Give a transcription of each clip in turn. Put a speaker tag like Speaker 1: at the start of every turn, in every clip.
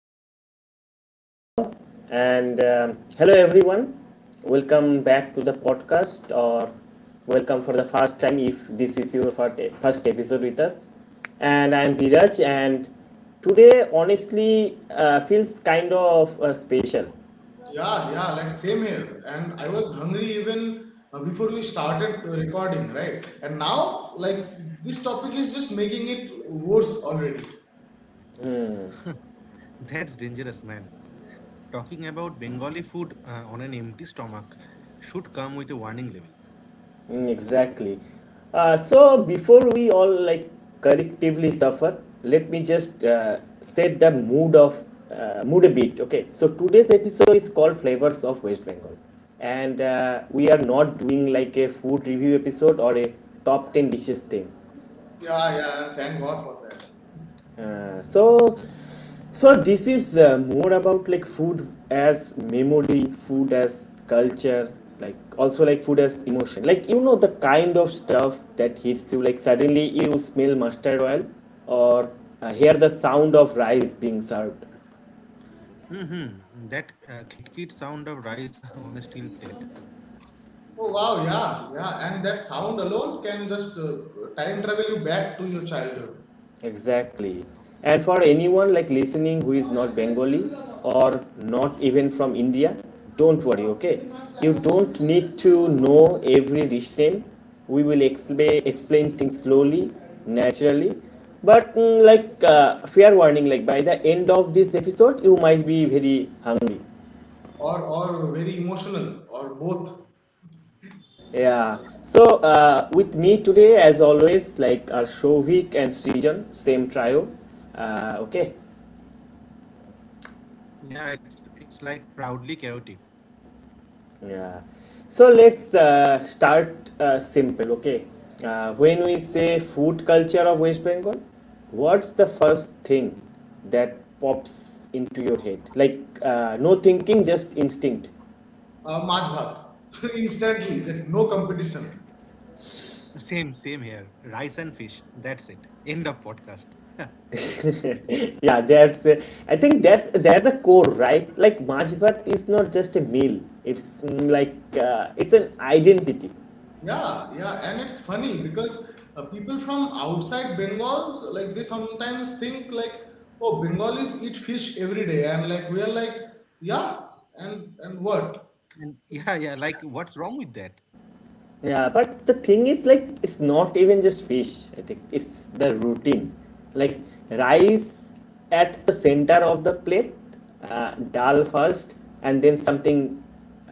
Speaker 1: we are live now. And Hello, everyone. Welcome back to the podcast, or welcome for the first time if this is your first episode with us. And I'm Viraj, and today honestly feels kind of special.
Speaker 2: Yeah, yeah, like same here. And I was hungry even before we started recording, right? And now, like, this topic is just making it worse already.
Speaker 3: That's dangerous, man. Talking about Bengali food on an empty stomach should come with a warning label.
Speaker 1: Mm, exactly. So before we all like collectively suffer, let me just set the mood a bit. Okay. So today's episode is called Flavors of West Bengal, and we are not doing like a food review episode or a top ten dishes thing.
Speaker 2: Yeah, yeah, thank God for that.
Speaker 1: Uh, so so this is more about like food as memory, food as culture, like also like food as emotion, like you know the kind of stuff that hits you, like suddenly you smell mustard oil or hear the sound of rice being served.
Speaker 3: Mm-hmm. That kit sound of rice on a steel plate.
Speaker 2: Oh, wow, yeah, yeah. And that sound alone can just time travel you back to your childhood.
Speaker 1: Exactly. And for anyone like listening who is not Bengali or not even from India, don't worry, okay? You don't need to know every dish name. We will explain things slowly, naturally. But mm, like fair warning, like by the end of this episode, you might be very hungry.
Speaker 2: Or very emotional or both.
Speaker 1: Yeah. So with me today, as always, like are Shovik and Srijan, same trio. Okay.
Speaker 3: Yeah, it's like proudly chaotic.
Speaker 1: Yeah. So let's start simple, okay? When we say food culture of West Bengal, what's the first thing that pops into your head? Like no thinking, just instinct.
Speaker 2: Majh Bhat. Instantly, that no competition.
Speaker 3: Same, same here. Rice and fish. That's it. End of podcast. And
Speaker 1: Yeah, that's. I think that's the core, right? Like Majbat is not just a meal. It's mm, like it's an identity.
Speaker 2: Yeah, yeah, and it's funny because people from outside Bengal, like they sometimes think like, oh, Bengalis eat fish every day, and like we are like, yeah, and what?
Speaker 3: yeah, yeah, like what's wrong with that?
Speaker 1: Yeah, but the thing is, like, it's not even just fish, I think. It's the routine. Like, rice at the center of the plate, dal first, and then something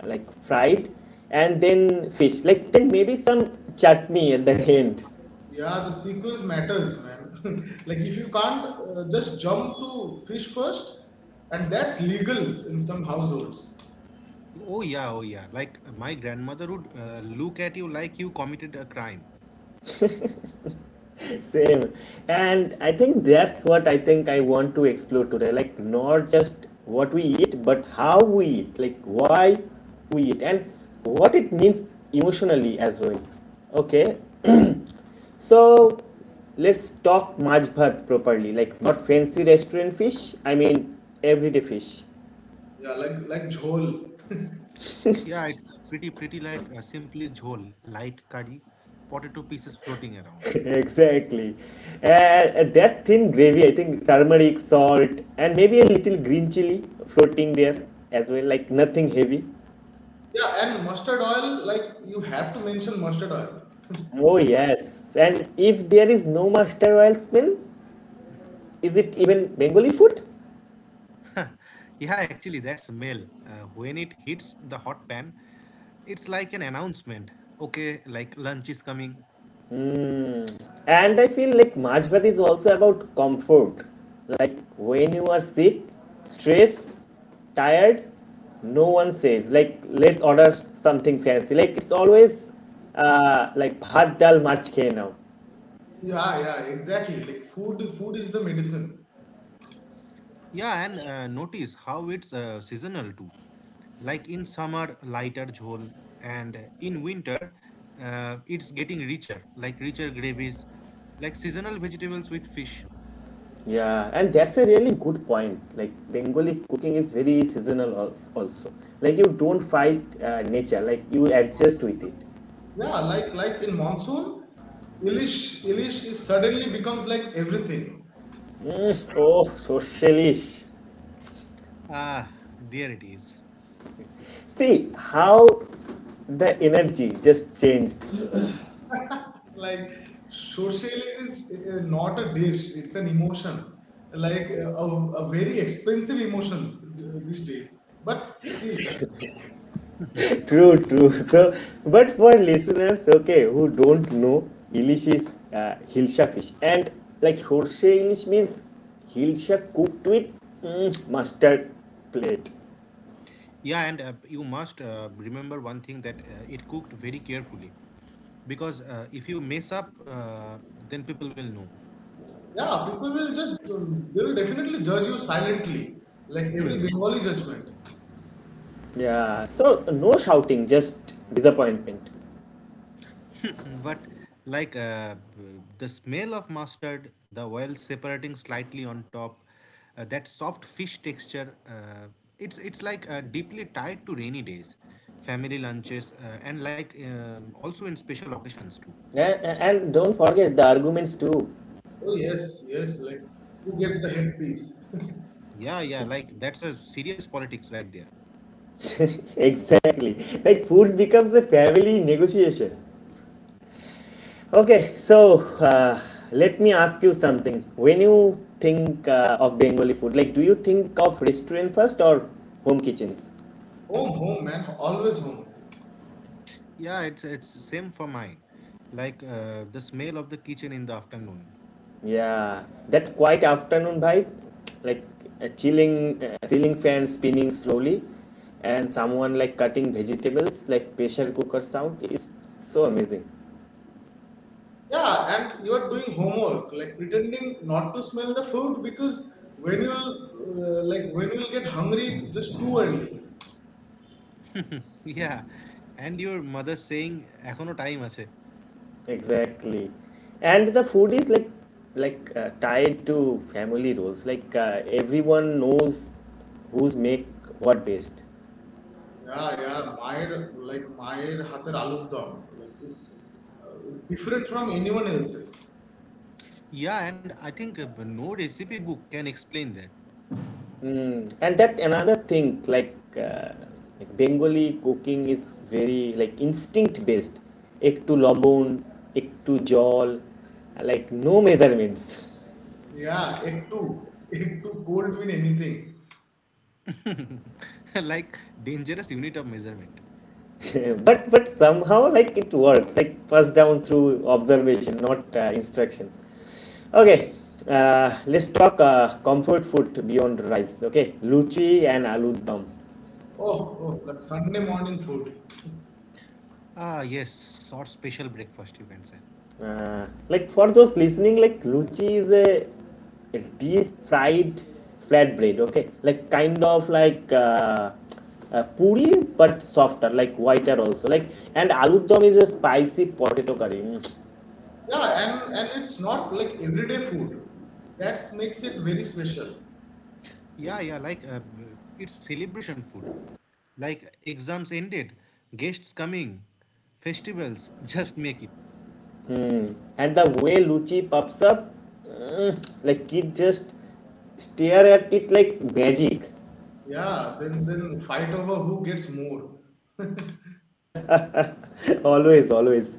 Speaker 1: like fried, and then fish. Like, then maybe some chutney at the end.
Speaker 2: Yeah, the sequence matters, man. Like if you can't just jump to fish first, and that's legal in some households.
Speaker 3: Oh yeah, oh yeah. Like my grandmother would look at you like you committed a crime.
Speaker 1: Same. And I think that's what I think I want to explore today. Like, not just what we eat, but how we eat, like, why we eat, and what it means emotionally as well. Okay, so let's talk Maj Bhat properly, like, not fancy restaurant fish, I mean, everyday fish.
Speaker 2: Yeah, like jhol.
Speaker 3: Yeah, it's pretty like simply jhol, light curry, potato pieces floating around.
Speaker 1: Exactly. That thin gravy, I think turmeric, salt, and maybe a little green chili floating there as well, like nothing heavy.
Speaker 2: Yeah, and mustard oil, like you have to mention mustard oil.
Speaker 1: Oh, yes. And if there is no Master Royal smell, is it even Bengali food?
Speaker 3: Yeah, actually, that smell, when it hits the hot pan, it's like an announcement. Okay, like lunch is coming.
Speaker 1: And I feel like Maaj Bhat is also about comfort. Like when you are sick, stressed, tired, no one says, like, let's order something fancy. Like, it's always like bhat dal mach khe now.
Speaker 2: Yeah, yeah, exactly. Like food is the medicine.
Speaker 3: Yeah, and notice how it's seasonal too. Like in summer, lighter jhol, and in winter, it's getting richer, like richer gravies, like seasonal vegetables with fish.
Speaker 1: Yeah, and that's a really good point. Like Bengali cooking is very seasonal, also. Like you don't fight nature, like you adjust with it.
Speaker 2: Yeah, like in monsoon, Ilish is suddenly becomes like everything.
Speaker 1: Oh, socialist.
Speaker 3: Ah, there it is.
Speaker 1: See how the energy just changed.
Speaker 2: Like social is not a dish; it's an emotion, like a very expensive emotion these days. But still,
Speaker 1: True, true. So, but for listeners, okay, who don't know, Ilish is Hilsha fish. And like Sorse Ilish means hilsa cooked with mm, mustard plate.
Speaker 3: Yeah, and you must remember one thing that it cooked very carefully. Because if you mess up, then people will know.
Speaker 2: yeah, people will just they will definitely judge you silently, like every Bengali judgment.
Speaker 1: Yeah, so no shouting, just disappointment.
Speaker 3: But like the smell of mustard, the oil separating slightly on top, that soft fish texture, it's like deeply tied to rainy days, family lunches, and like also in special occasions too.
Speaker 1: And don't forget the arguments too.
Speaker 2: Oh yes, yes, like who gets the headpiece?
Speaker 3: Yeah, yeah, like that's a serious politics right there.
Speaker 1: Exactly. Like food becomes a family negotiation. Okay, so let me ask you something. When you think of Bengali food, like do you think of restaurant first or home kitchens?
Speaker 2: Home, home, man, always home.
Speaker 3: Yeah, it's same for mine. Like the smell of the kitchen in the afternoon.
Speaker 1: Yeah, that quiet afternoon vibe, like a chilling ceiling fan spinning slowly, and someone like cutting vegetables, like pressure cooker sound is so amazing.
Speaker 2: Yeah, and you are doing homework, like pretending not to smell the food because when you'll get hungry just too early.
Speaker 3: Yeah, and your mother saying এখনো time আছে.
Speaker 1: Exactly. And the food is like tied to family roles. Like everyone knows who's make what best.
Speaker 2: Yeah, yeah, Mayer hater aloo dum, like it's different from anyone else's.
Speaker 3: Yeah, and I think no recipe book can explain that.
Speaker 1: Mm. And that another thing like Bengali cooking is very like instinct based. Ek to lobon, ek to jol, like no measurements.
Speaker 2: Yeah, egg too, egg too cold mean anything.
Speaker 3: Like dangerous unit of measurement.
Speaker 1: But somehow like it works, like passed down through observation, not instructions. Okay, let's talk comfort food beyond rice, okay? Luchi and aloo dum.
Speaker 2: Oh, oh, like Sunday morning food.
Speaker 3: Ah, yes, sort special breakfast you can say.
Speaker 1: uh, like for those listening, like luchi is a deep fried flatbread, okay, like kind of like puri, but softer, like whiter also, like. And aloo dum is a spicy potato curry. Mm.
Speaker 2: Yeah, and it's not like everyday food. That makes it very special.
Speaker 3: Yeah, yeah, like it's celebration food. Like exams ended, guests coming, festivals, just make it.
Speaker 1: And the way Luchi pops up, mm, like kid just stare at it like magic.
Speaker 2: Yeah, then fight over who gets more.
Speaker 1: Always, always.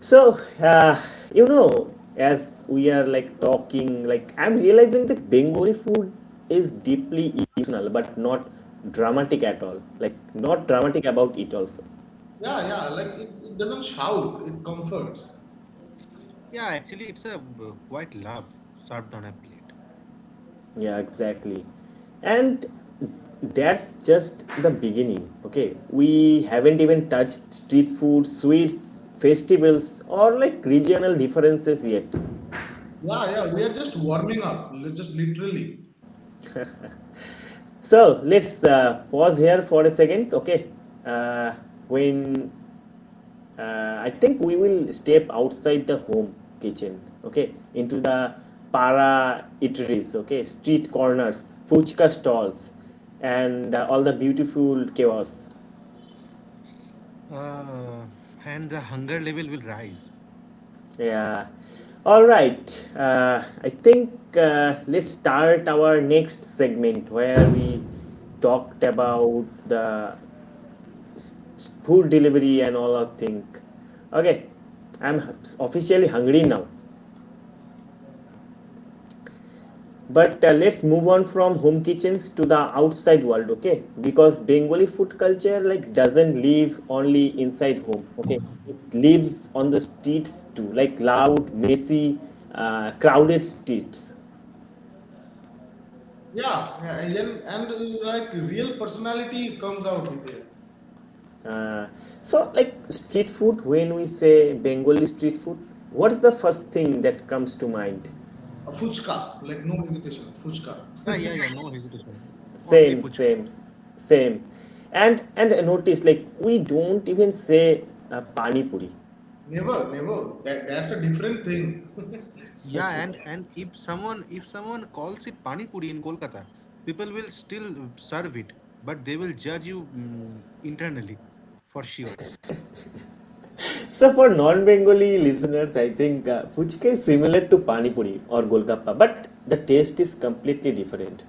Speaker 1: So, uh, you know, as we are like talking, like I'm realizing that Bengali food is deeply emotional, but not dramatic at all. Like not dramatic about it also.
Speaker 2: Yeah, yeah, like it doesn't shout, it comforts.
Speaker 3: Yeah, actually, it's a quite love served on a plate.
Speaker 1: Yeah, exactly. And that's just the beginning, okay? We haven't even touched street food, sweets, festivals, or like regional differences yet.
Speaker 2: Yeah, yeah, we are just warming up, just literally.
Speaker 1: So let's pause here for a second, okay? Uh, when I think we will step outside the home kitchen, okay? Into the para eateries, okay? Street corners, fuchka stalls, and all the beautiful chaos.
Speaker 3: Uh, and the hunger level will rise.
Speaker 1: Yeah. All right. I think let's start our next segment where we talked about the food delivery and all of thing. Okay, I'm officially hungry now. But let's move on from home kitchens to the outside world, okay? Because Bengali food culture like doesn't live only inside home, okay? It lives on the streets too, like loud, messy, crowded streets.
Speaker 2: Yeah, yeah, and, like real personality comes out in there.
Speaker 1: Uh, so, like street food, when we say Bengali street food, what's the first thing that comes to mind?
Speaker 2: A fuchka, like no hesitation, fuchka.
Speaker 3: Yeah, yeah, yeah. No hesitation. Only
Speaker 1: Same,
Speaker 3: fuchka.
Speaker 1: same, same. And notice, like we don't even say pani puri.
Speaker 2: Never, never. That, that's a different thing.
Speaker 3: Yeah, and if someone calls it pani puri in Kolkata, people will still serve it, but they will judge you internally, for sure.
Speaker 1: So for non-Bengali listeners, I think fuchka is similar to pani puri or golgappa, but the taste is completely different.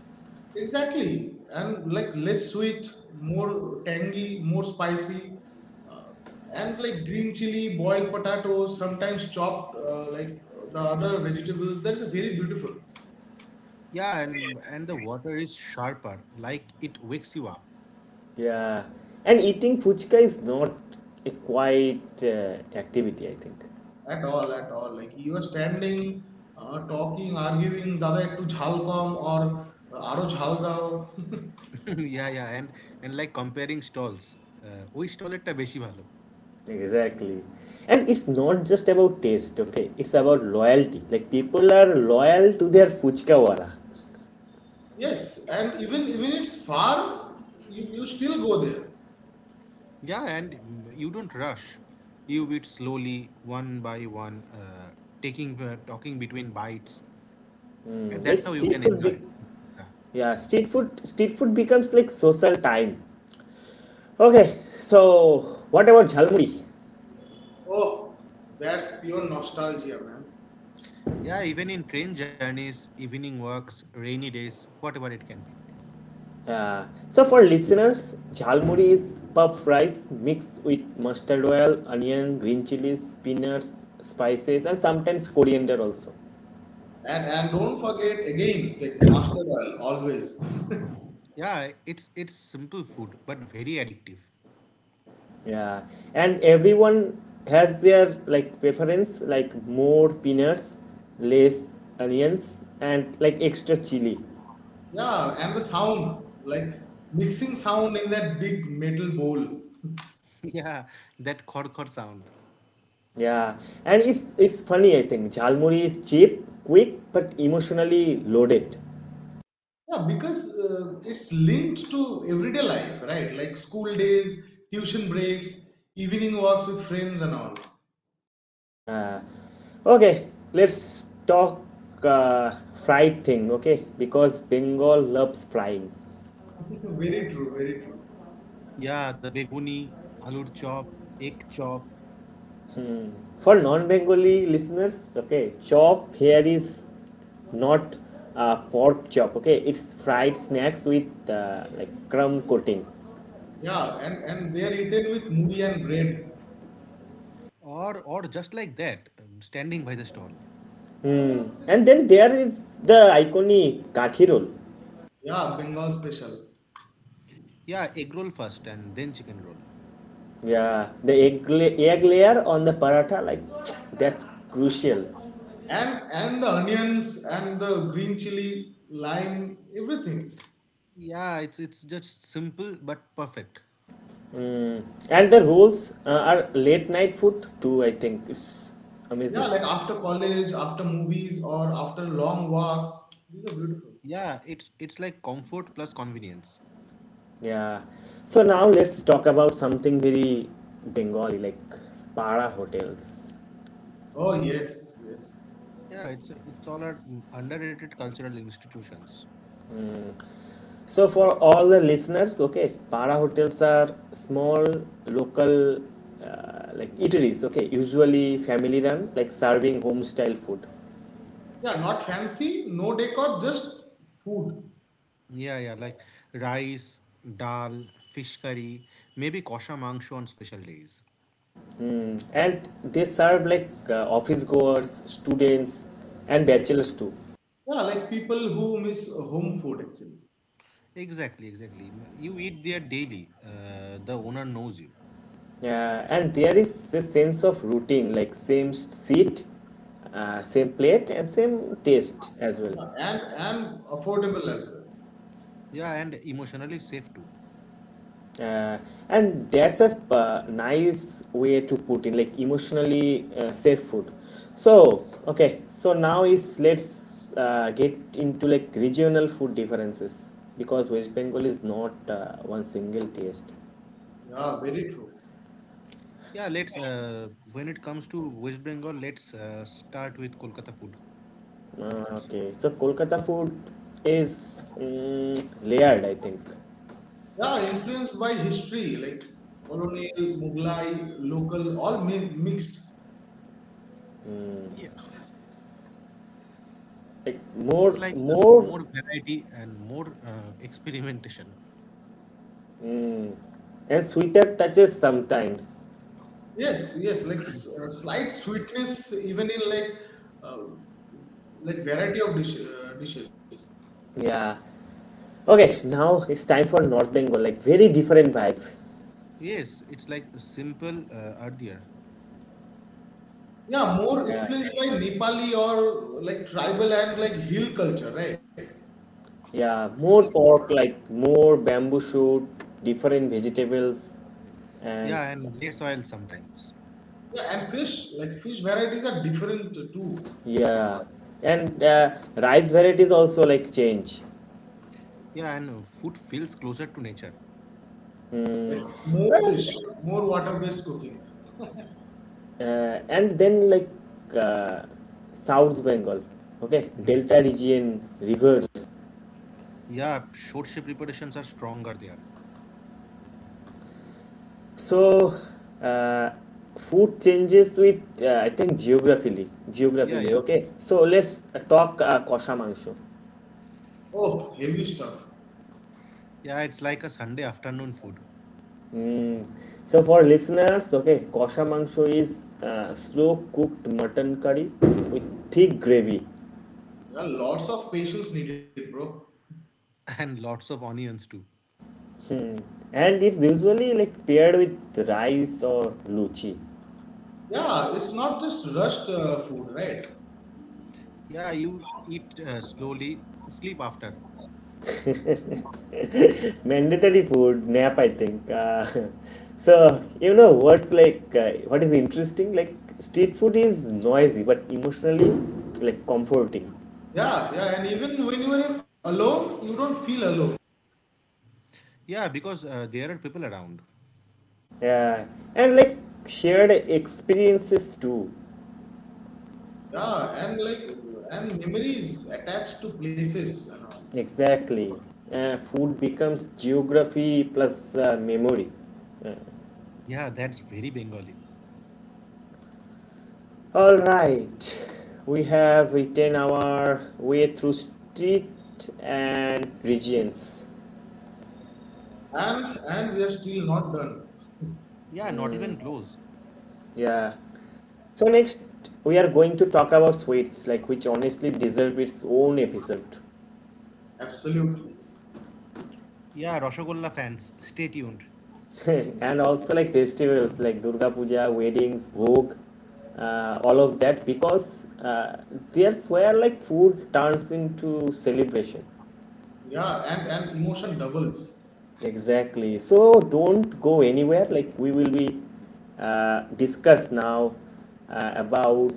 Speaker 2: Exactly, and like less sweet, more tangy, more spicy, uh, and like green chili, boiled potatoes, sometimes chopped like the other vegetables. That's a very beautiful.
Speaker 3: Yeah, and the water is sharper, like it wakes you up.
Speaker 1: Yeah, and eating fuchka is not a quiet activity, I think.
Speaker 2: At all, at all. Like you are standing, talking, arguing, dada ektu jhal kom or aro jhal dao.
Speaker 3: Yeah, yeah, and like comparing stalls, ওই স্টলেরটা বেশি ভালো.
Speaker 1: Exactly. And it's not just about taste, okay? It's about loyalty. Like people are loyal to their puchka wala.
Speaker 2: Yes, and even it's far, you still go there.
Speaker 3: Yeah, and you don't rush. You eat slowly, one by one, taking talking between bites, and
Speaker 1: Mm,
Speaker 3: that's
Speaker 1: like
Speaker 3: how you can enjoy. Yeah.
Speaker 1: yeah, street food becomes like social time. Okay, so what about Jhalmuri?
Speaker 2: Oh, that's pure nostalgia, man.
Speaker 3: Yeah, even in train journeys, evening walks, rainy days, whatever it can be.
Speaker 1: Yeah. So for listeners, Jhalmuri is puff rice mixed with mustard oil, onion, green chilies, peanuts, spices, and sometimes coriander also.
Speaker 2: And don't forget again, like master oil always.
Speaker 3: Yeah, it's simple food but very addictive.
Speaker 1: Yeah, and everyone has their like preference, like more peanuts, less onions, and like extra chili.
Speaker 2: Yeah, and the sound, like mixing sound in that big metal bowl.
Speaker 3: Yeah, that khor khor sound.
Speaker 1: Yeah, and it's funny I think. Jhalmuri is cheap, quick, but emotionally loaded.
Speaker 2: Yeah, because it's linked to everyday life, right? Like school days, tuition breaks, evening walks with friends, and all.
Speaker 1: Uh, okay, let's talk uh, fried thing. Okay, because Bengal loves frying.
Speaker 2: Very true, very true.
Speaker 3: Yeah, the beguni, alur chop, egg chop,
Speaker 1: For non Bengali listeners, okay, chop here is not pork chop, okay, it's fried snacks with like crumb coating.
Speaker 2: Yeah, and they are eaten with moody and bread.
Speaker 3: or just like that, standing by the stall.
Speaker 1: And then there is the iconic kathi roll.
Speaker 2: Yeah, Bengal special.
Speaker 3: Yeah, egg roll first and then chicken roll.
Speaker 1: Yeah, the egg layer on the paratha, like that's crucial.
Speaker 2: And the onions and the green chili, lime, everything.
Speaker 3: Yeah, it's just simple but perfect.
Speaker 1: And the rolls are late night food too, I think. It's
Speaker 2: Yeah,
Speaker 1: amazing.
Speaker 2: like after college, after movies, or after long walks. These are beautiful.
Speaker 3: Yeah, it's like comfort plus convenience.
Speaker 1: Yeah. So now let's talk about something very Bengali, like para hotels.
Speaker 2: Oh yes, yes.
Speaker 3: Yeah, it's all our underrated cultural institutions.
Speaker 1: So for all the listeners, okay, para hotels are small local like eateries, okay, usually family run, like serving home style food,
Speaker 2: Yeah, not fancy, no decor, just food.
Speaker 3: Yeah, yeah, like rice, dal, fish curry, maybe kosha mangsho on special days.
Speaker 1: and they serve like office goers, students, and bachelors too.
Speaker 2: Yeah, like people who miss home food actually.
Speaker 3: Exactly, exactly. You eat there daily. The owner knows you.
Speaker 1: And there is a sense of routine, like same seat, same plate, and same taste as well.
Speaker 2: Yeah, and affordable as well.
Speaker 3: Yeah, and emotionally safe too.
Speaker 1: Uh, and that's a nice way to put in, like emotionally safe food. So okay, so now is let's get into like regional food differences, because West Bengal is not one single taste.
Speaker 2: Yeah, very true.
Speaker 3: Yeah, let's when it comes to West Bengal, let's start with Kolkata food, of course.
Speaker 1: Okay, so Kolkata food is mm, layered I think,
Speaker 2: Yeah, influenced by history, like colonial, Mughlai, local, all mixed.
Speaker 1: like
Speaker 3: Yeah,
Speaker 1: more
Speaker 3: it's like
Speaker 1: more
Speaker 3: more variety and more experimentation.
Speaker 1: and sweeter touches sometimes.
Speaker 2: Yes, yes, like slight sweetness even in uh, like variety of dishes.
Speaker 1: Yeah, okay, now it's time for North Bengal, like very different vibe.
Speaker 3: Yes, it's like a simple earthier.
Speaker 2: Yeah, more
Speaker 1: Yeah.
Speaker 2: influenced by Nepali or like tribal and like hill culture, right?
Speaker 1: Yeah, more pork, like more bamboo shoot, different vegetables, and
Speaker 3: Yeah, and less oil sometimes.
Speaker 2: Yeah, and fish, like fish varieties are different too.
Speaker 1: yeah, and rice varieties also like change.
Speaker 3: Yeah, and food feels closer to nature.
Speaker 2: Like more
Speaker 1: Well,
Speaker 2: fish, more water-based cooking.
Speaker 1: And then like uh, South Bengal, okay, Delta region, rivers.
Speaker 3: Yeah, short preparations are stronger there.
Speaker 1: So uh, food changes with I think
Speaker 3: Yeah,
Speaker 1: geographically.
Speaker 3: yeah, of
Speaker 1: Okay,
Speaker 3: course.
Speaker 1: so let's talk kosha mangsho.
Speaker 2: Oh, heavy stuff.
Speaker 3: Yeah, it's like a Sunday afternoon food.
Speaker 1: Mm. So for listeners, okay, kosha mangsho is slow cooked mutton curry with thick gravy,
Speaker 2: Yeah, lots of patience needed, bro.
Speaker 3: And lots of onions too.
Speaker 1: and it's usually like paired with rice or luchi.
Speaker 2: Yeah, it's not just rushed food, right?
Speaker 3: Yeah, you eat slowly, sleep after.
Speaker 1: Mandatory food nap, I think. So you know what's like what is interesting? Like street food is noisy but emotionally like comforting,
Speaker 2: Yeah, yeah, and even when you are in alone, you don't feel alone.
Speaker 3: Yeah, because there are people around.
Speaker 1: yeah, and like shared experiences too.
Speaker 2: Yeah, and like and memories attached to places and all.
Speaker 1: Exactly. Food becomes geography plus memory.
Speaker 3: Yeah, that's very Bengali.
Speaker 1: All right. We have eaten our way through street and regions.
Speaker 2: And we are still not done.
Speaker 3: Yeah, not even close.
Speaker 1: Yeah. So next we are going to talk about sweets, like which honestly deserve its own episode.
Speaker 2: Absolutely.
Speaker 3: Yeah, Rashogolla fans, stay tuned.
Speaker 1: And also like festivals like Durga Puja, weddings, Bhog, all of that, because there's where like food turns into celebration.
Speaker 2: Yeah, and emotion doubles.
Speaker 1: Exactly. So don't go anywhere. Like we will be discuss now about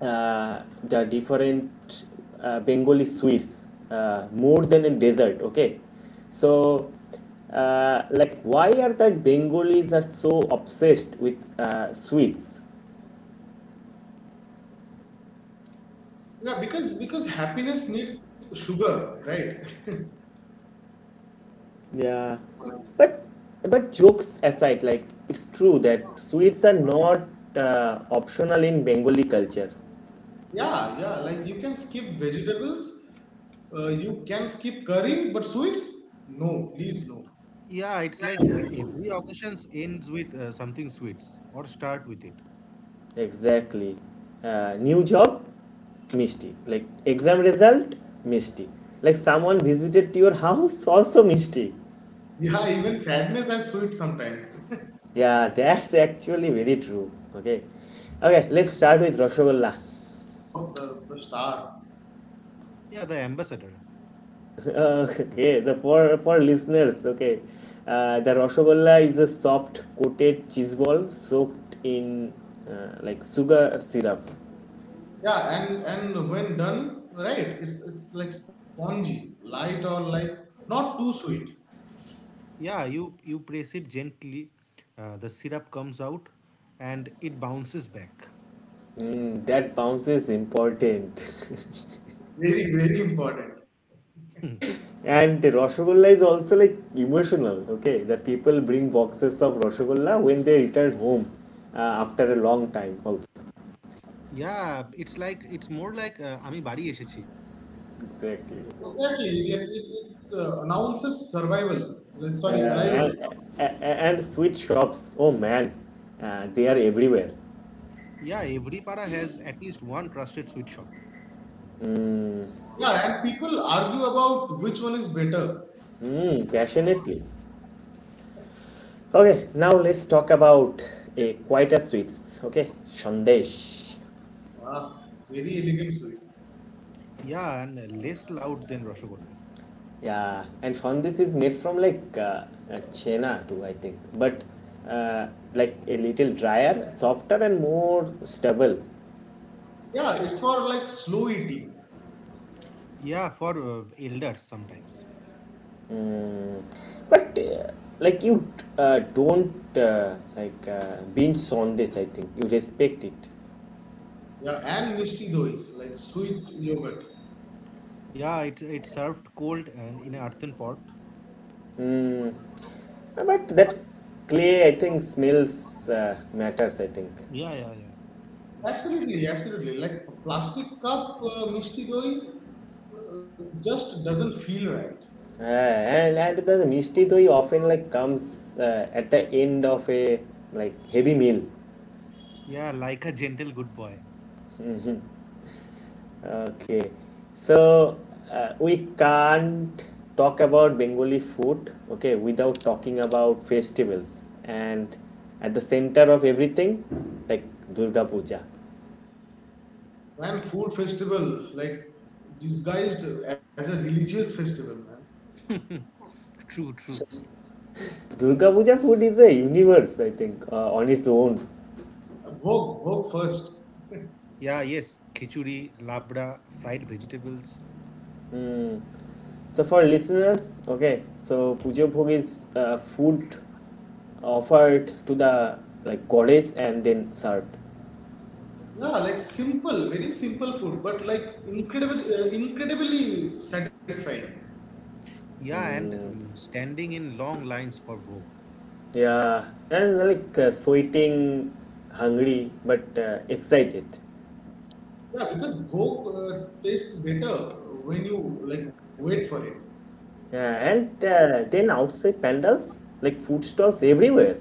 Speaker 1: the different Bengali sweets, more than a dessert. Okay. So like why are that Bengalis are so obsessed with sweets?
Speaker 2: Yeah, because happiness needs sugar, right?
Speaker 1: Yeah. But but jokes aside, like it's true that sweets are not optional in Bengali culture.
Speaker 2: Yeah, yeah. Like you can skip vegetables, you can skip curry, but sweets? No, please no.
Speaker 3: Yeah, it's like every occasion ends with something sweet or start with it.
Speaker 1: Exactly. New job, misty. Like exam result, misty. Like someone visited your house, also misty.
Speaker 2: Yeah, even sadness has sweet sometimes.
Speaker 1: Yeah, that's actually very true. Okay. Okay, let's start with Rashogolla.
Speaker 2: Oh, the star.
Speaker 3: Yeah, the ambassador.
Speaker 1: Okay, the for listeners, okay. The Rashogolla is a soft coated cheese ball soaked in like sugar syrup.
Speaker 2: Yeah, and when done right, it's like spongy, light or like not too sweet.
Speaker 3: Yeah, you press it gently, the syrup comes out, and it bounces back.
Speaker 1: Mm, that bounce is important.
Speaker 2: Very very important.
Speaker 1: And Rasgulla is also like emotional, okay? The people bring boxes of Rasgulla when they return home uh, after a long time, also.
Speaker 3: Yeah, it's more like আমি বাড়ি এসেছি.
Speaker 1: Exactly.
Speaker 2: Exactly. It's announces survival. Like,
Speaker 1: Uh,
Speaker 2: sorry, arrival.
Speaker 1: and, and, and sweet shops, oh man, they are everywhere.
Speaker 3: Yeah, every para has at least one trusted sweet shop.
Speaker 2: Yeah, and people argue about which one is better.
Speaker 1: Mm, passionately. Okay, now let's talk about a quieter sweets, okay? Shandesh.
Speaker 2: Ah, very elegant sweet.
Speaker 3: Yeah, and less loud than Rasgulla.
Speaker 1: Yeah, and Shondish is made from chena too, I think, but uh, like a little drier, softer, and more stable.
Speaker 2: Yeah, it's for like slow eating.
Speaker 3: Yeah, for elders sometimes.
Speaker 1: But You don't binge Shondish, I think you respect it.
Speaker 2: Yeah, and mishti doi, like sweet yogurt.
Speaker 3: Yeah, it's served cold and in an earthen pot.
Speaker 1: But that clay, I think, smells matters, I think.
Speaker 3: Yeah, yeah, yeah. That's true.
Speaker 2: Absolutely, absolutely. Like a plastic cup mishti doi just doesn't feel right.
Speaker 1: And the mishti doi often like comes at the end of a like heavy meal.
Speaker 3: Yeah, like a gentle good boy.
Speaker 1: Okay, so we can't talk about Bengali food, okay, without talking about festivals. And at the center of everything, like Durga Puja.
Speaker 2: Man, food festival like disguised as a religious festival, man.
Speaker 3: True, true.
Speaker 1: Durga Puja food is a universe, I think, on its own.
Speaker 2: Bhog, bhog first.
Speaker 3: Yeah, yes, khichuri, labra, fried vegetables.
Speaker 1: So for listeners, okay, so pujo Bhog is food offered to the like goddess and then served.
Speaker 2: Yeah, like simple, very simple food, but like incredibly satisfying.
Speaker 3: Yeah, and
Speaker 1: Mm.
Speaker 3: standing in long lines for bhog.
Speaker 1: Yeah, and sweating, hungry, but excited.
Speaker 2: Yeah, because bhog tastes better when you like wait for it.
Speaker 1: Yeah, and then outside pandals, like food stalls everywhere.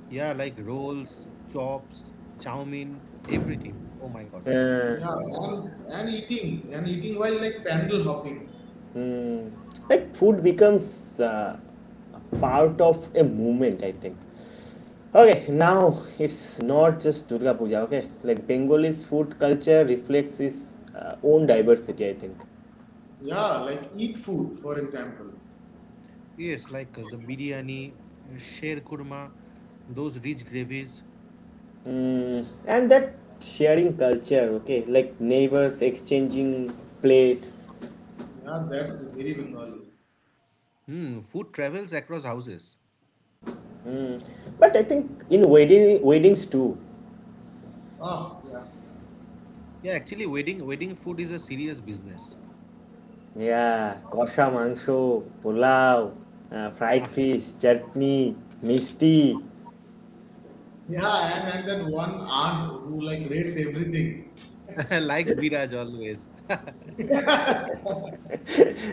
Speaker 3: Yeah, like rolls, chops, chow mein, everything. Oh my god.
Speaker 1: Uh,
Speaker 2: Yeah, and eating and eating while like pandal hopping.
Speaker 1: mm, like food becomes a part of a movement, I think. Okay, now it's not just Durga Puja, okay? Like Bengalis food culture reflects its own diversity, I think.
Speaker 2: Yeah, like eat food, for example.
Speaker 3: Yes, like the biryani, sher kurma, those rich gravies.
Speaker 1: And that sharing culture, okay? Like neighbors exchanging plates.
Speaker 2: Yeah, that's very Bengali.
Speaker 3: Hmm, food travels across houses.
Speaker 1: But I think in weddings too,
Speaker 2: Oh,
Speaker 3: Yeah, actually, wedding food is a serious business.
Speaker 1: yeah, kosha mangsho, pulao, fried
Speaker 3: Ah,
Speaker 1: fish, chutney, misti.
Speaker 2: yeah. Yeah, and that one aunt who like rates everything.
Speaker 3: like Biraj always.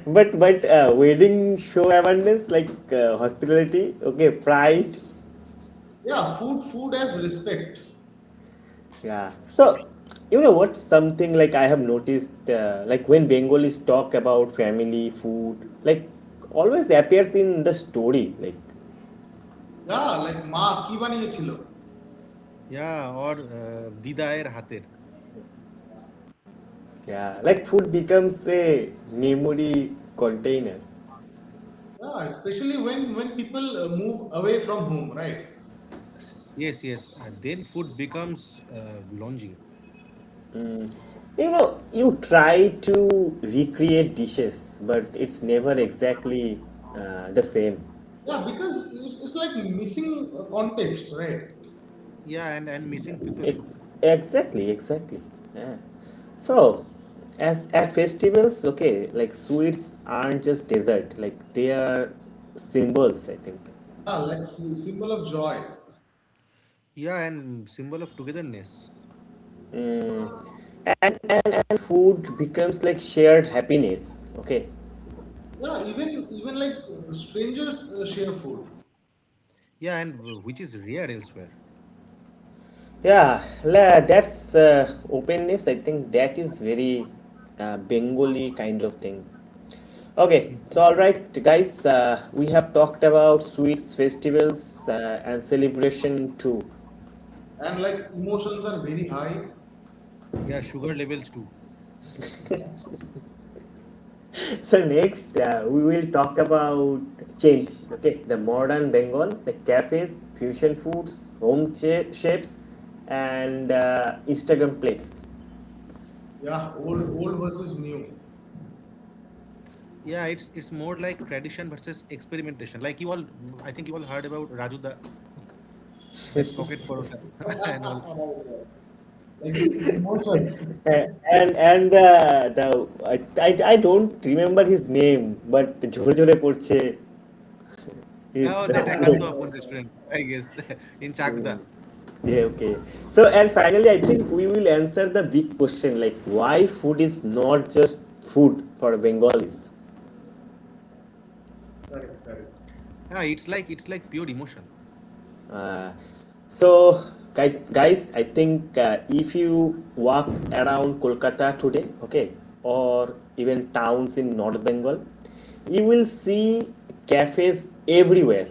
Speaker 1: But wedding show abundance like hospitality, okay, pride,
Speaker 2: Yeah, food as respect.
Speaker 1: yeah. So you know what? Something like I have noticed, like when Bengalis talk about family, food, like always appears in the story, like
Speaker 2: Yeah, like ma ki baniyechilo.
Speaker 3: Yeah, or Didaer Hatir.
Speaker 1: yeah, like food becomes a memory container.
Speaker 2: Yeah, especially when people move away from home, right?
Speaker 3: Yes, yes. Then food becomes lodging.
Speaker 1: You know, you try to recreate dishes, but it's never exactly the same.
Speaker 2: Yeah, because it's like missing context, right?
Speaker 3: Yeah, and missing people.
Speaker 1: It's exactly, exactly. Yeah. So, as at festivals, okay, like sweets aren't just dessert, like they are symbols, I think.
Speaker 2: Yeah, like symbol of joy.
Speaker 3: Yeah, and symbol of togetherness.
Speaker 1: And food becomes like shared happiness, okay?
Speaker 2: Yeah, even like strangers share food,
Speaker 3: Yeah, and which is rare elsewhere.
Speaker 1: Yeah, la- that's openness. I think that is very Bengali kind of thing.
Speaker 3: Hmm.
Speaker 1: Okay, so all right, guys, we have talked about sweets, festivals, and celebration too.
Speaker 2: and like emotions are very high.
Speaker 3: Yeah, sugar levels too.
Speaker 1: So next, we will talk about change. Okay, the modern Bengal, the cafes, fusion foods, home cha- shapes, and Instagram plates.
Speaker 2: Yeah, old old versus new.
Speaker 3: Yeah, it's more like tradition versus experimentation. Like you all, I think you all heard about Raju da, that pocket parota
Speaker 2: Right,
Speaker 3: and all.
Speaker 2: right. Like it's emotion.
Speaker 1: And the I don't remember his name, but Jhore Jhore Porche
Speaker 3: Oh, that
Speaker 1: is.
Speaker 2: Right,
Speaker 3: Akanto
Speaker 2: right,
Speaker 3: Apun
Speaker 2: right,
Speaker 3: restaurant, I guess,
Speaker 2: right.
Speaker 3: in Chakda.
Speaker 1: the Yeah, okay. So, and finally, I think we will answer the big question like why food is not just food for Bengalis.
Speaker 2: Correct,
Speaker 3: Yeah,
Speaker 2: correct.
Speaker 3: it's like pure emotion.
Speaker 1: Uh, so, guys, I think if you walk around Kolkata today, okay, or even towns in North Bengal, you will see cafes everywhere.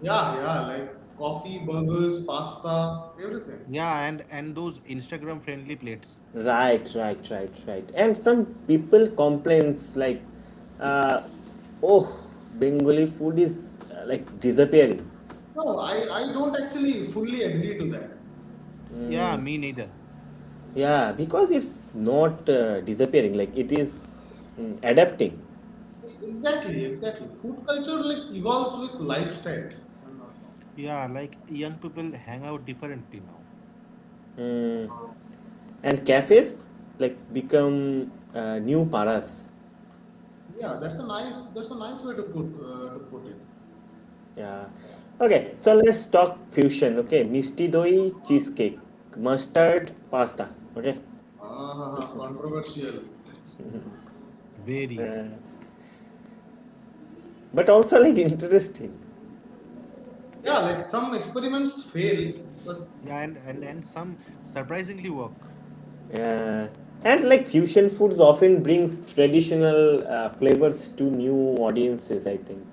Speaker 2: Yeah, yeah. Like coffee, burgers, pasta, everything.
Speaker 3: Yeah, and those Instagram friendly plates.
Speaker 1: Right, right, right, right. And some people complains like, uh, oh, Bengali food is like disappearing.
Speaker 2: No, I don't actually fully agree to that.
Speaker 3: Yeah, me neither.
Speaker 1: Yeah, because it's not disappearing. Like it is adapting.
Speaker 2: Exactly, exactly. Food culture like evolves with lifestyle. If I'm not wrong.
Speaker 3: Yeah, like young people hang out differently now.
Speaker 1: Mm, and cafes like become new paras.
Speaker 2: Yeah, that's a nice way to put it.
Speaker 1: Yeah. Okay, so let's talk fusion. Okay, misti doi cheesecake, mustard pasta. Okay,
Speaker 2: Ah, controversial.
Speaker 3: Very.
Speaker 1: but also like interesting.
Speaker 2: Yeah, like some experiments fail, but
Speaker 3: Yeah,
Speaker 2: yeah,
Speaker 3: and some surprisingly work.
Speaker 1: Yeah. And like fusion foods often brings traditional flavors to new audiences, I think.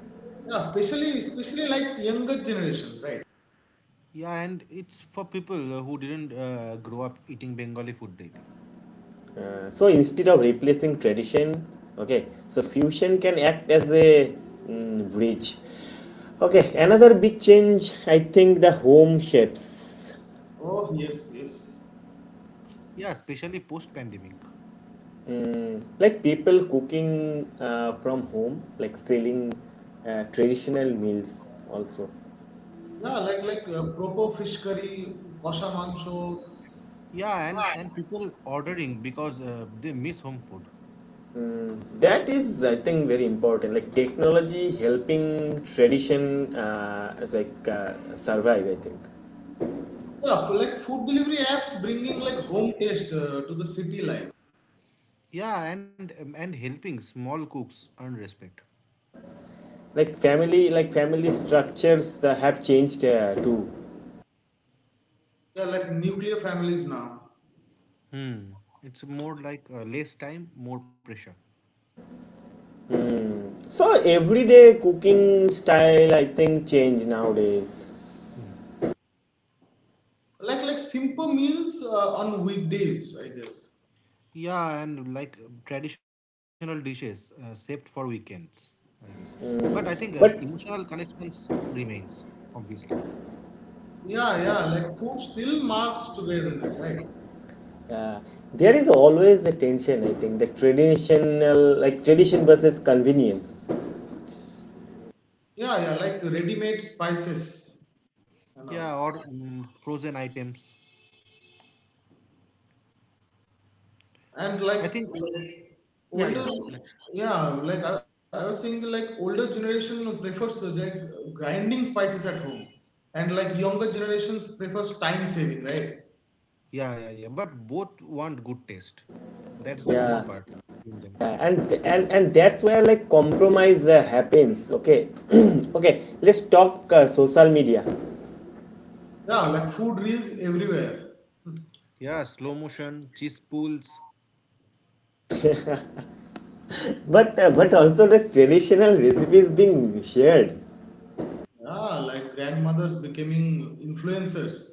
Speaker 2: especially like younger generations, right?
Speaker 3: Yeah, and it's for people who didn't grow up eating Bengali food daily.
Speaker 1: So instead of replacing tradition, okay, so fusion can act as a bridge. Okay, another big change, I think the home chefs.
Speaker 2: Oh yes, yes.
Speaker 3: Yeah, especially post pandemic.
Speaker 1: Mm, like people cooking from home, like selling traditional meals also.
Speaker 2: Yeah, like proper fish curry, kosha mancho.
Speaker 3: Yeah, and people ordering because they miss home food.
Speaker 1: That is, I think, very important. Like technology helping tradition, survive. I think,
Speaker 2: Yeah, for like food delivery apps bringing like home taste to the city life.
Speaker 3: Yeah, and helping small cooks earn respect.
Speaker 1: like family structures have changed too.
Speaker 2: Yeah, like nuclear families now.
Speaker 3: Hmm. It's more like less time, more pressure.
Speaker 1: So everyday cooking style, I think, change nowadays.
Speaker 2: Like simple meals on weekdays, I guess.
Speaker 3: Yeah, and like traditional dishes, saved for weekends, I guess. But I think
Speaker 1: Mm. But
Speaker 3: emotional connections remains, obviously.
Speaker 2: Yeah, yeah, like food still marks togetherness, right?
Speaker 1: uh, there is always a tension. I think the traditional, like tradition versus convenience.
Speaker 2: Yeah, yeah, like ready-made spices. I know.
Speaker 3: Yeah, or frozen items.
Speaker 2: And
Speaker 3: I
Speaker 2: like
Speaker 3: think. Yeah,
Speaker 2: older,
Speaker 3: yeah. Let's.
Speaker 2: yeah, like I was saying like older generation prefers grinding spices at home, and like younger generations prefers time saving, right?
Speaker 3: Yeah, yeah, yeah. But both want good taste. That is the common
Speaker 1: Yeah.
Speaker 3: part in them.
Speaker 1: And that's where like compromise happens, okay. Okay, let's talk social media,
Speaker 2: Yeah, like food reels everywhere.
Speaker 3: Yeah, slow motion, cheese pulls.
Speaker 1: but also the traditional recipes being shared.
Speaker 2: Yeah, like grandmothers becoming influencers.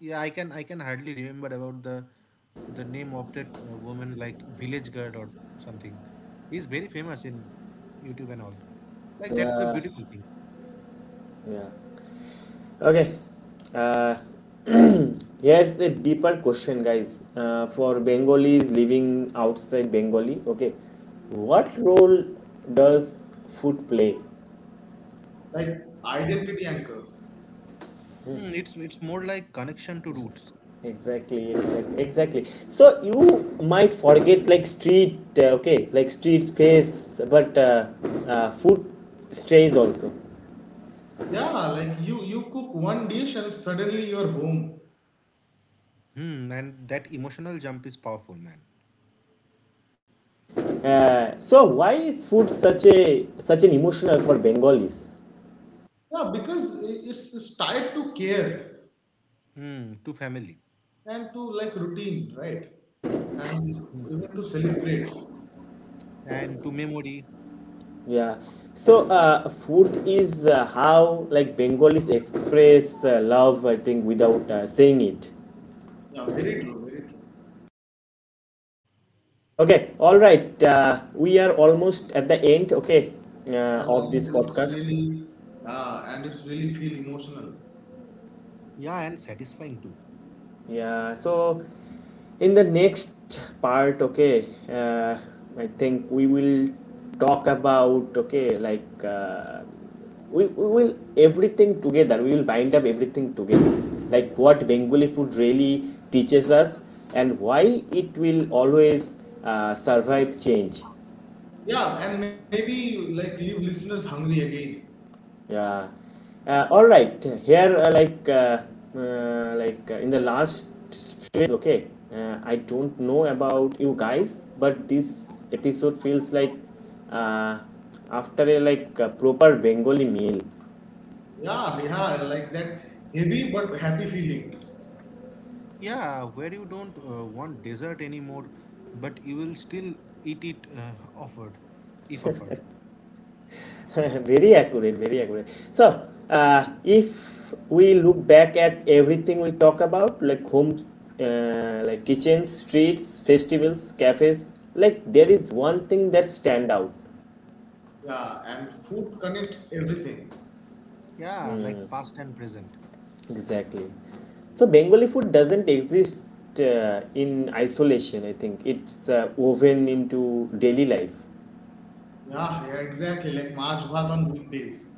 Speaker 3: Yeah, I can hardly remember about the name of that woman, like village girl or something. He's very famous in YouTube and all. Like that's a
Speaker 1: Yeah,
Speaker 3: beautiful thing.
Speaker 1: yeah, okay. uh, Here's a deeper question, guys, for Bengalis living outside Bengali, okay, what role does food play?
Speaker 2: Like identity anchor.
Speaker 3: Hmm, it's more like connection to roots.
Speaker 1: Exactly, exactly, exactly. So you might forget like okay, like street space, but food strays also.
Speaker 2: Yeah, like you cook one dish and suddenly you're home.
Speaker 3: Hmm, and that emotional jump is powerful, man.
Speaker 1: So why is food such a such an emotional for Bengalis?
Speaker 2: Yeah, because it's tied to care
Speaker 3: Hmm, to family
Speaker 2: and to like routine, right? And even to celebrate.
Speaker 3: and to memory.
Speaker 1: Yeah. So food is how like Bengalis express love, I think, without saying it.
Speaker 2: Yeah, very true, very true.
Speaker 1: Okay, all right. We are almost at the end. Okay,
Speaker 2: And
Speaker 1: of this
Speaker 2: it's
Speaker 1: podcast.
Speaker 2: really feel emotional.
Speaker 3: Yeah, and satisfying too.
Speaker 1: Yeah, so in the next part, I think we will talk about, okay, we will everything together, we will bind up everything together, like what Bengali food really teaches us and why it will always survive change.
Speaker 2: Yeah, and maybe like leave listeners hungry again.
Speaker 1: Yeah. All right. Here, in the last stretch, okay. I don't know about you guys, but this episode feels like uh, after a like a proper Bengali meal.
Speaker 2: Yeah, yeah, like that heavy but happy feeling.
Speaker 3: Yeah, where you don't want dessert anymore, but you will still eat it offered, if offered.
Speaker 1: Very accurate. Very accurate. So, if we look back at everything we talk about, like homes, like kitchens, streets, festivals, cafes, like there is one thing that stand out.
Speaker 2: Yeah, and food connects everything.
Speaker 3: Yeah, like past and present.
Speaker 1: Exactly. So Bengali food doesn't exist in isolation. I think it's woven into daily life.
Speaker 2: Yeah, yeah, exactly. Like March Bhat on weekdays.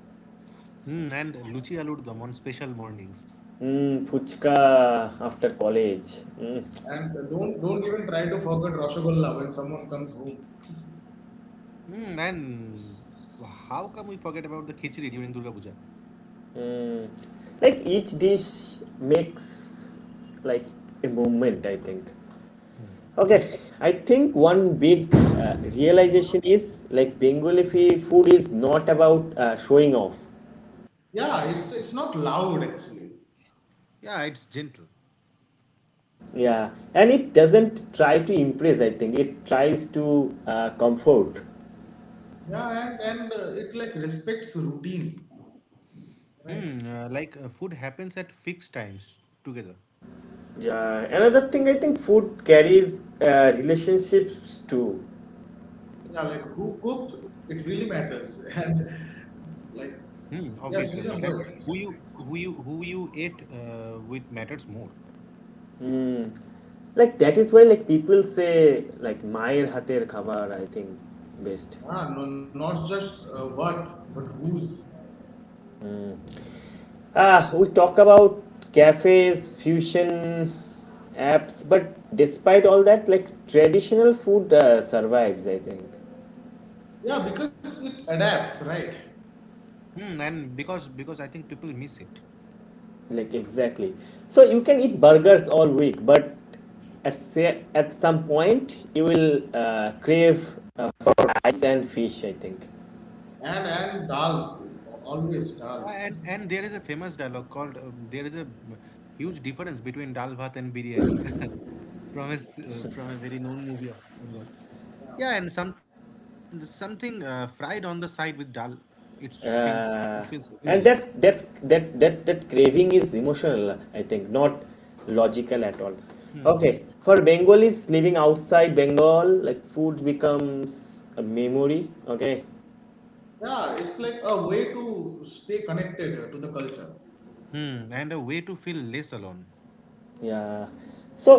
Speaker 3: Mm, and Luchi aloo dum on special mornings.
Speaker 1: Mm, fuchka after college. Mm.
Speaker 2: And don't even try to forget roshogolla when someone comes home.
Speaker 3: Mm, and how come we forget about the khichdi during Durga Puja?
Speaker 1: Like each dish makes like a moment. I think. Okay. I think one big realization is like Bengali fe- food is not about showing off.
Speaker 2: Yeah, it's not loud actually.
Speaker 3: Yeah, it's gentle.
Speaker 1: Yeah, and it doesn't try to impress. I think it tries to comfort.
Speaker 2: Yeah, and it like respects routine,
Speaker 3: Hmm,
Speaker 2: right?
Speaker 3: uh, like food happens at fixed times together.
Speaker 1: Yeah, another thing I think food carries relationships too.
Speaker 2: Yeah, like who cooked, it really matters. And like,
Speaker 3: Hmm, obviously,
Speaker 2: yeah,
Speaker 3: obviously. And
Speaker 2: season good.
Speaker 3: who you ate with matters more.
Speaker 1: Like that is why like people say like মায়ের হাতের খাবার I think best.
Speaker 2: Yeah, no, not just what, but whose.
Speaker 1: Ah, we talk about cafes, fusion apps, but despite all that, like traditional food survives. I think
Speaker 2: Yeah, because it adapts, right?
Speaker 3: Hmm, and because I think people miss it.
Speaker 1: like exactly. So you can eat burgers all week, but at say at some point you will crave rice and fish. I think.
Speaker 2: And dal, always dal.
Speaker 3: Yeah, and there is a famous dialogue called there is a huge difference between dal bhat and biryani from a very known movie of Bengal. Yeah, and something fried on the side with dal, it feels
Speaker 1: uh,
Speaker 3: heavenly.
Speaker 1: and that's that that that craving is emotional, I think, not logical at all. Okay,
Speaker 3: Hmm,
Speaker 1: for Bengalis living outside Bengal, like food becomes a memory, okay?
Speaker 2: Yeah, it's like a way to stay connected to the culture.
Speaker 3: hmm, and a way to feel less alone
Speaker 1: Yeah, so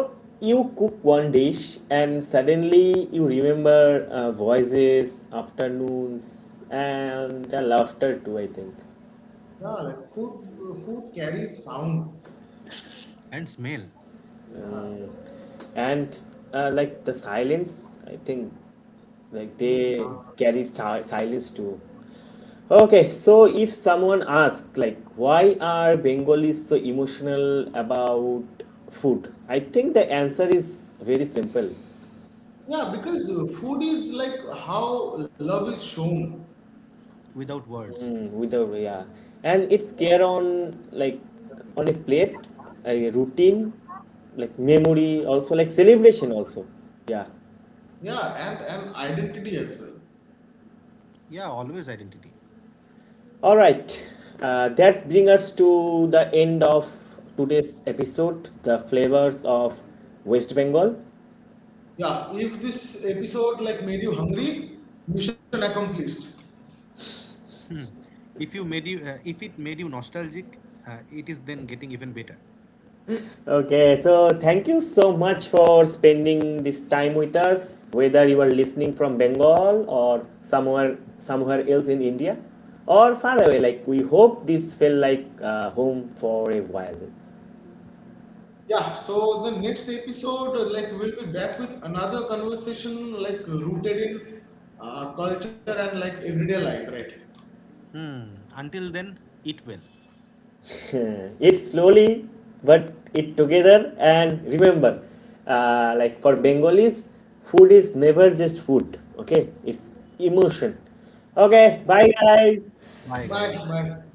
Speaker 1: you cook one dish and suddenly you remember voices, afternoons and the laughter too, I think.
Speaker 2: Yeah, like food carries sound.
Speaker 3: and smell
Speaker 2: Yeah.
Speaker 1: Mm, and like the silence, I think, like
Speaker 2: Mm.
Speaker 1: they carried si- silence too. Okay, so if someone asks like why are Bengalis so emotional about food, I think the answer is very simple.
Speaker 2: Yeah, because food is like how love is shown.
Speaker 3: without words.
Speaker 1: Mm, without, yeah, and it's care on like on a plate, a routine, like memory, also like celebration also. Yeah.
Speaker 2: Yeah, and identity as well.
Speaker 3: Yeah, always identity.
Speaker 1: All right, that's bring us to the end of today's episode, the flavors of West Bengal.
Speaker 2: Yeah, if this episode like made you hungry, mission accomplished.
Speaker 3: If it made you nostalgic, it is then getting even better.
Speaker 1: Okay, so thank you so much for spending this time with us, whether you are listening from Bengal or somewhere else in India or far away. Like we hope this felt like home for a while.
Speaker 2: Yeah, so the next episode, like, we'll be back with another conversation, like, rooted in culture and like everyday life, right?
Speaker 3: Hmm. Until then, eat well.
Speaker 1: It slowly but it together and remember like for Bengalis food is never just food, okay, it's emotion. Okay, bye guys.
Speaker 3: Bye,
Speaker 2: Bye
Speaker 3: guys.
Speaker 2: bye.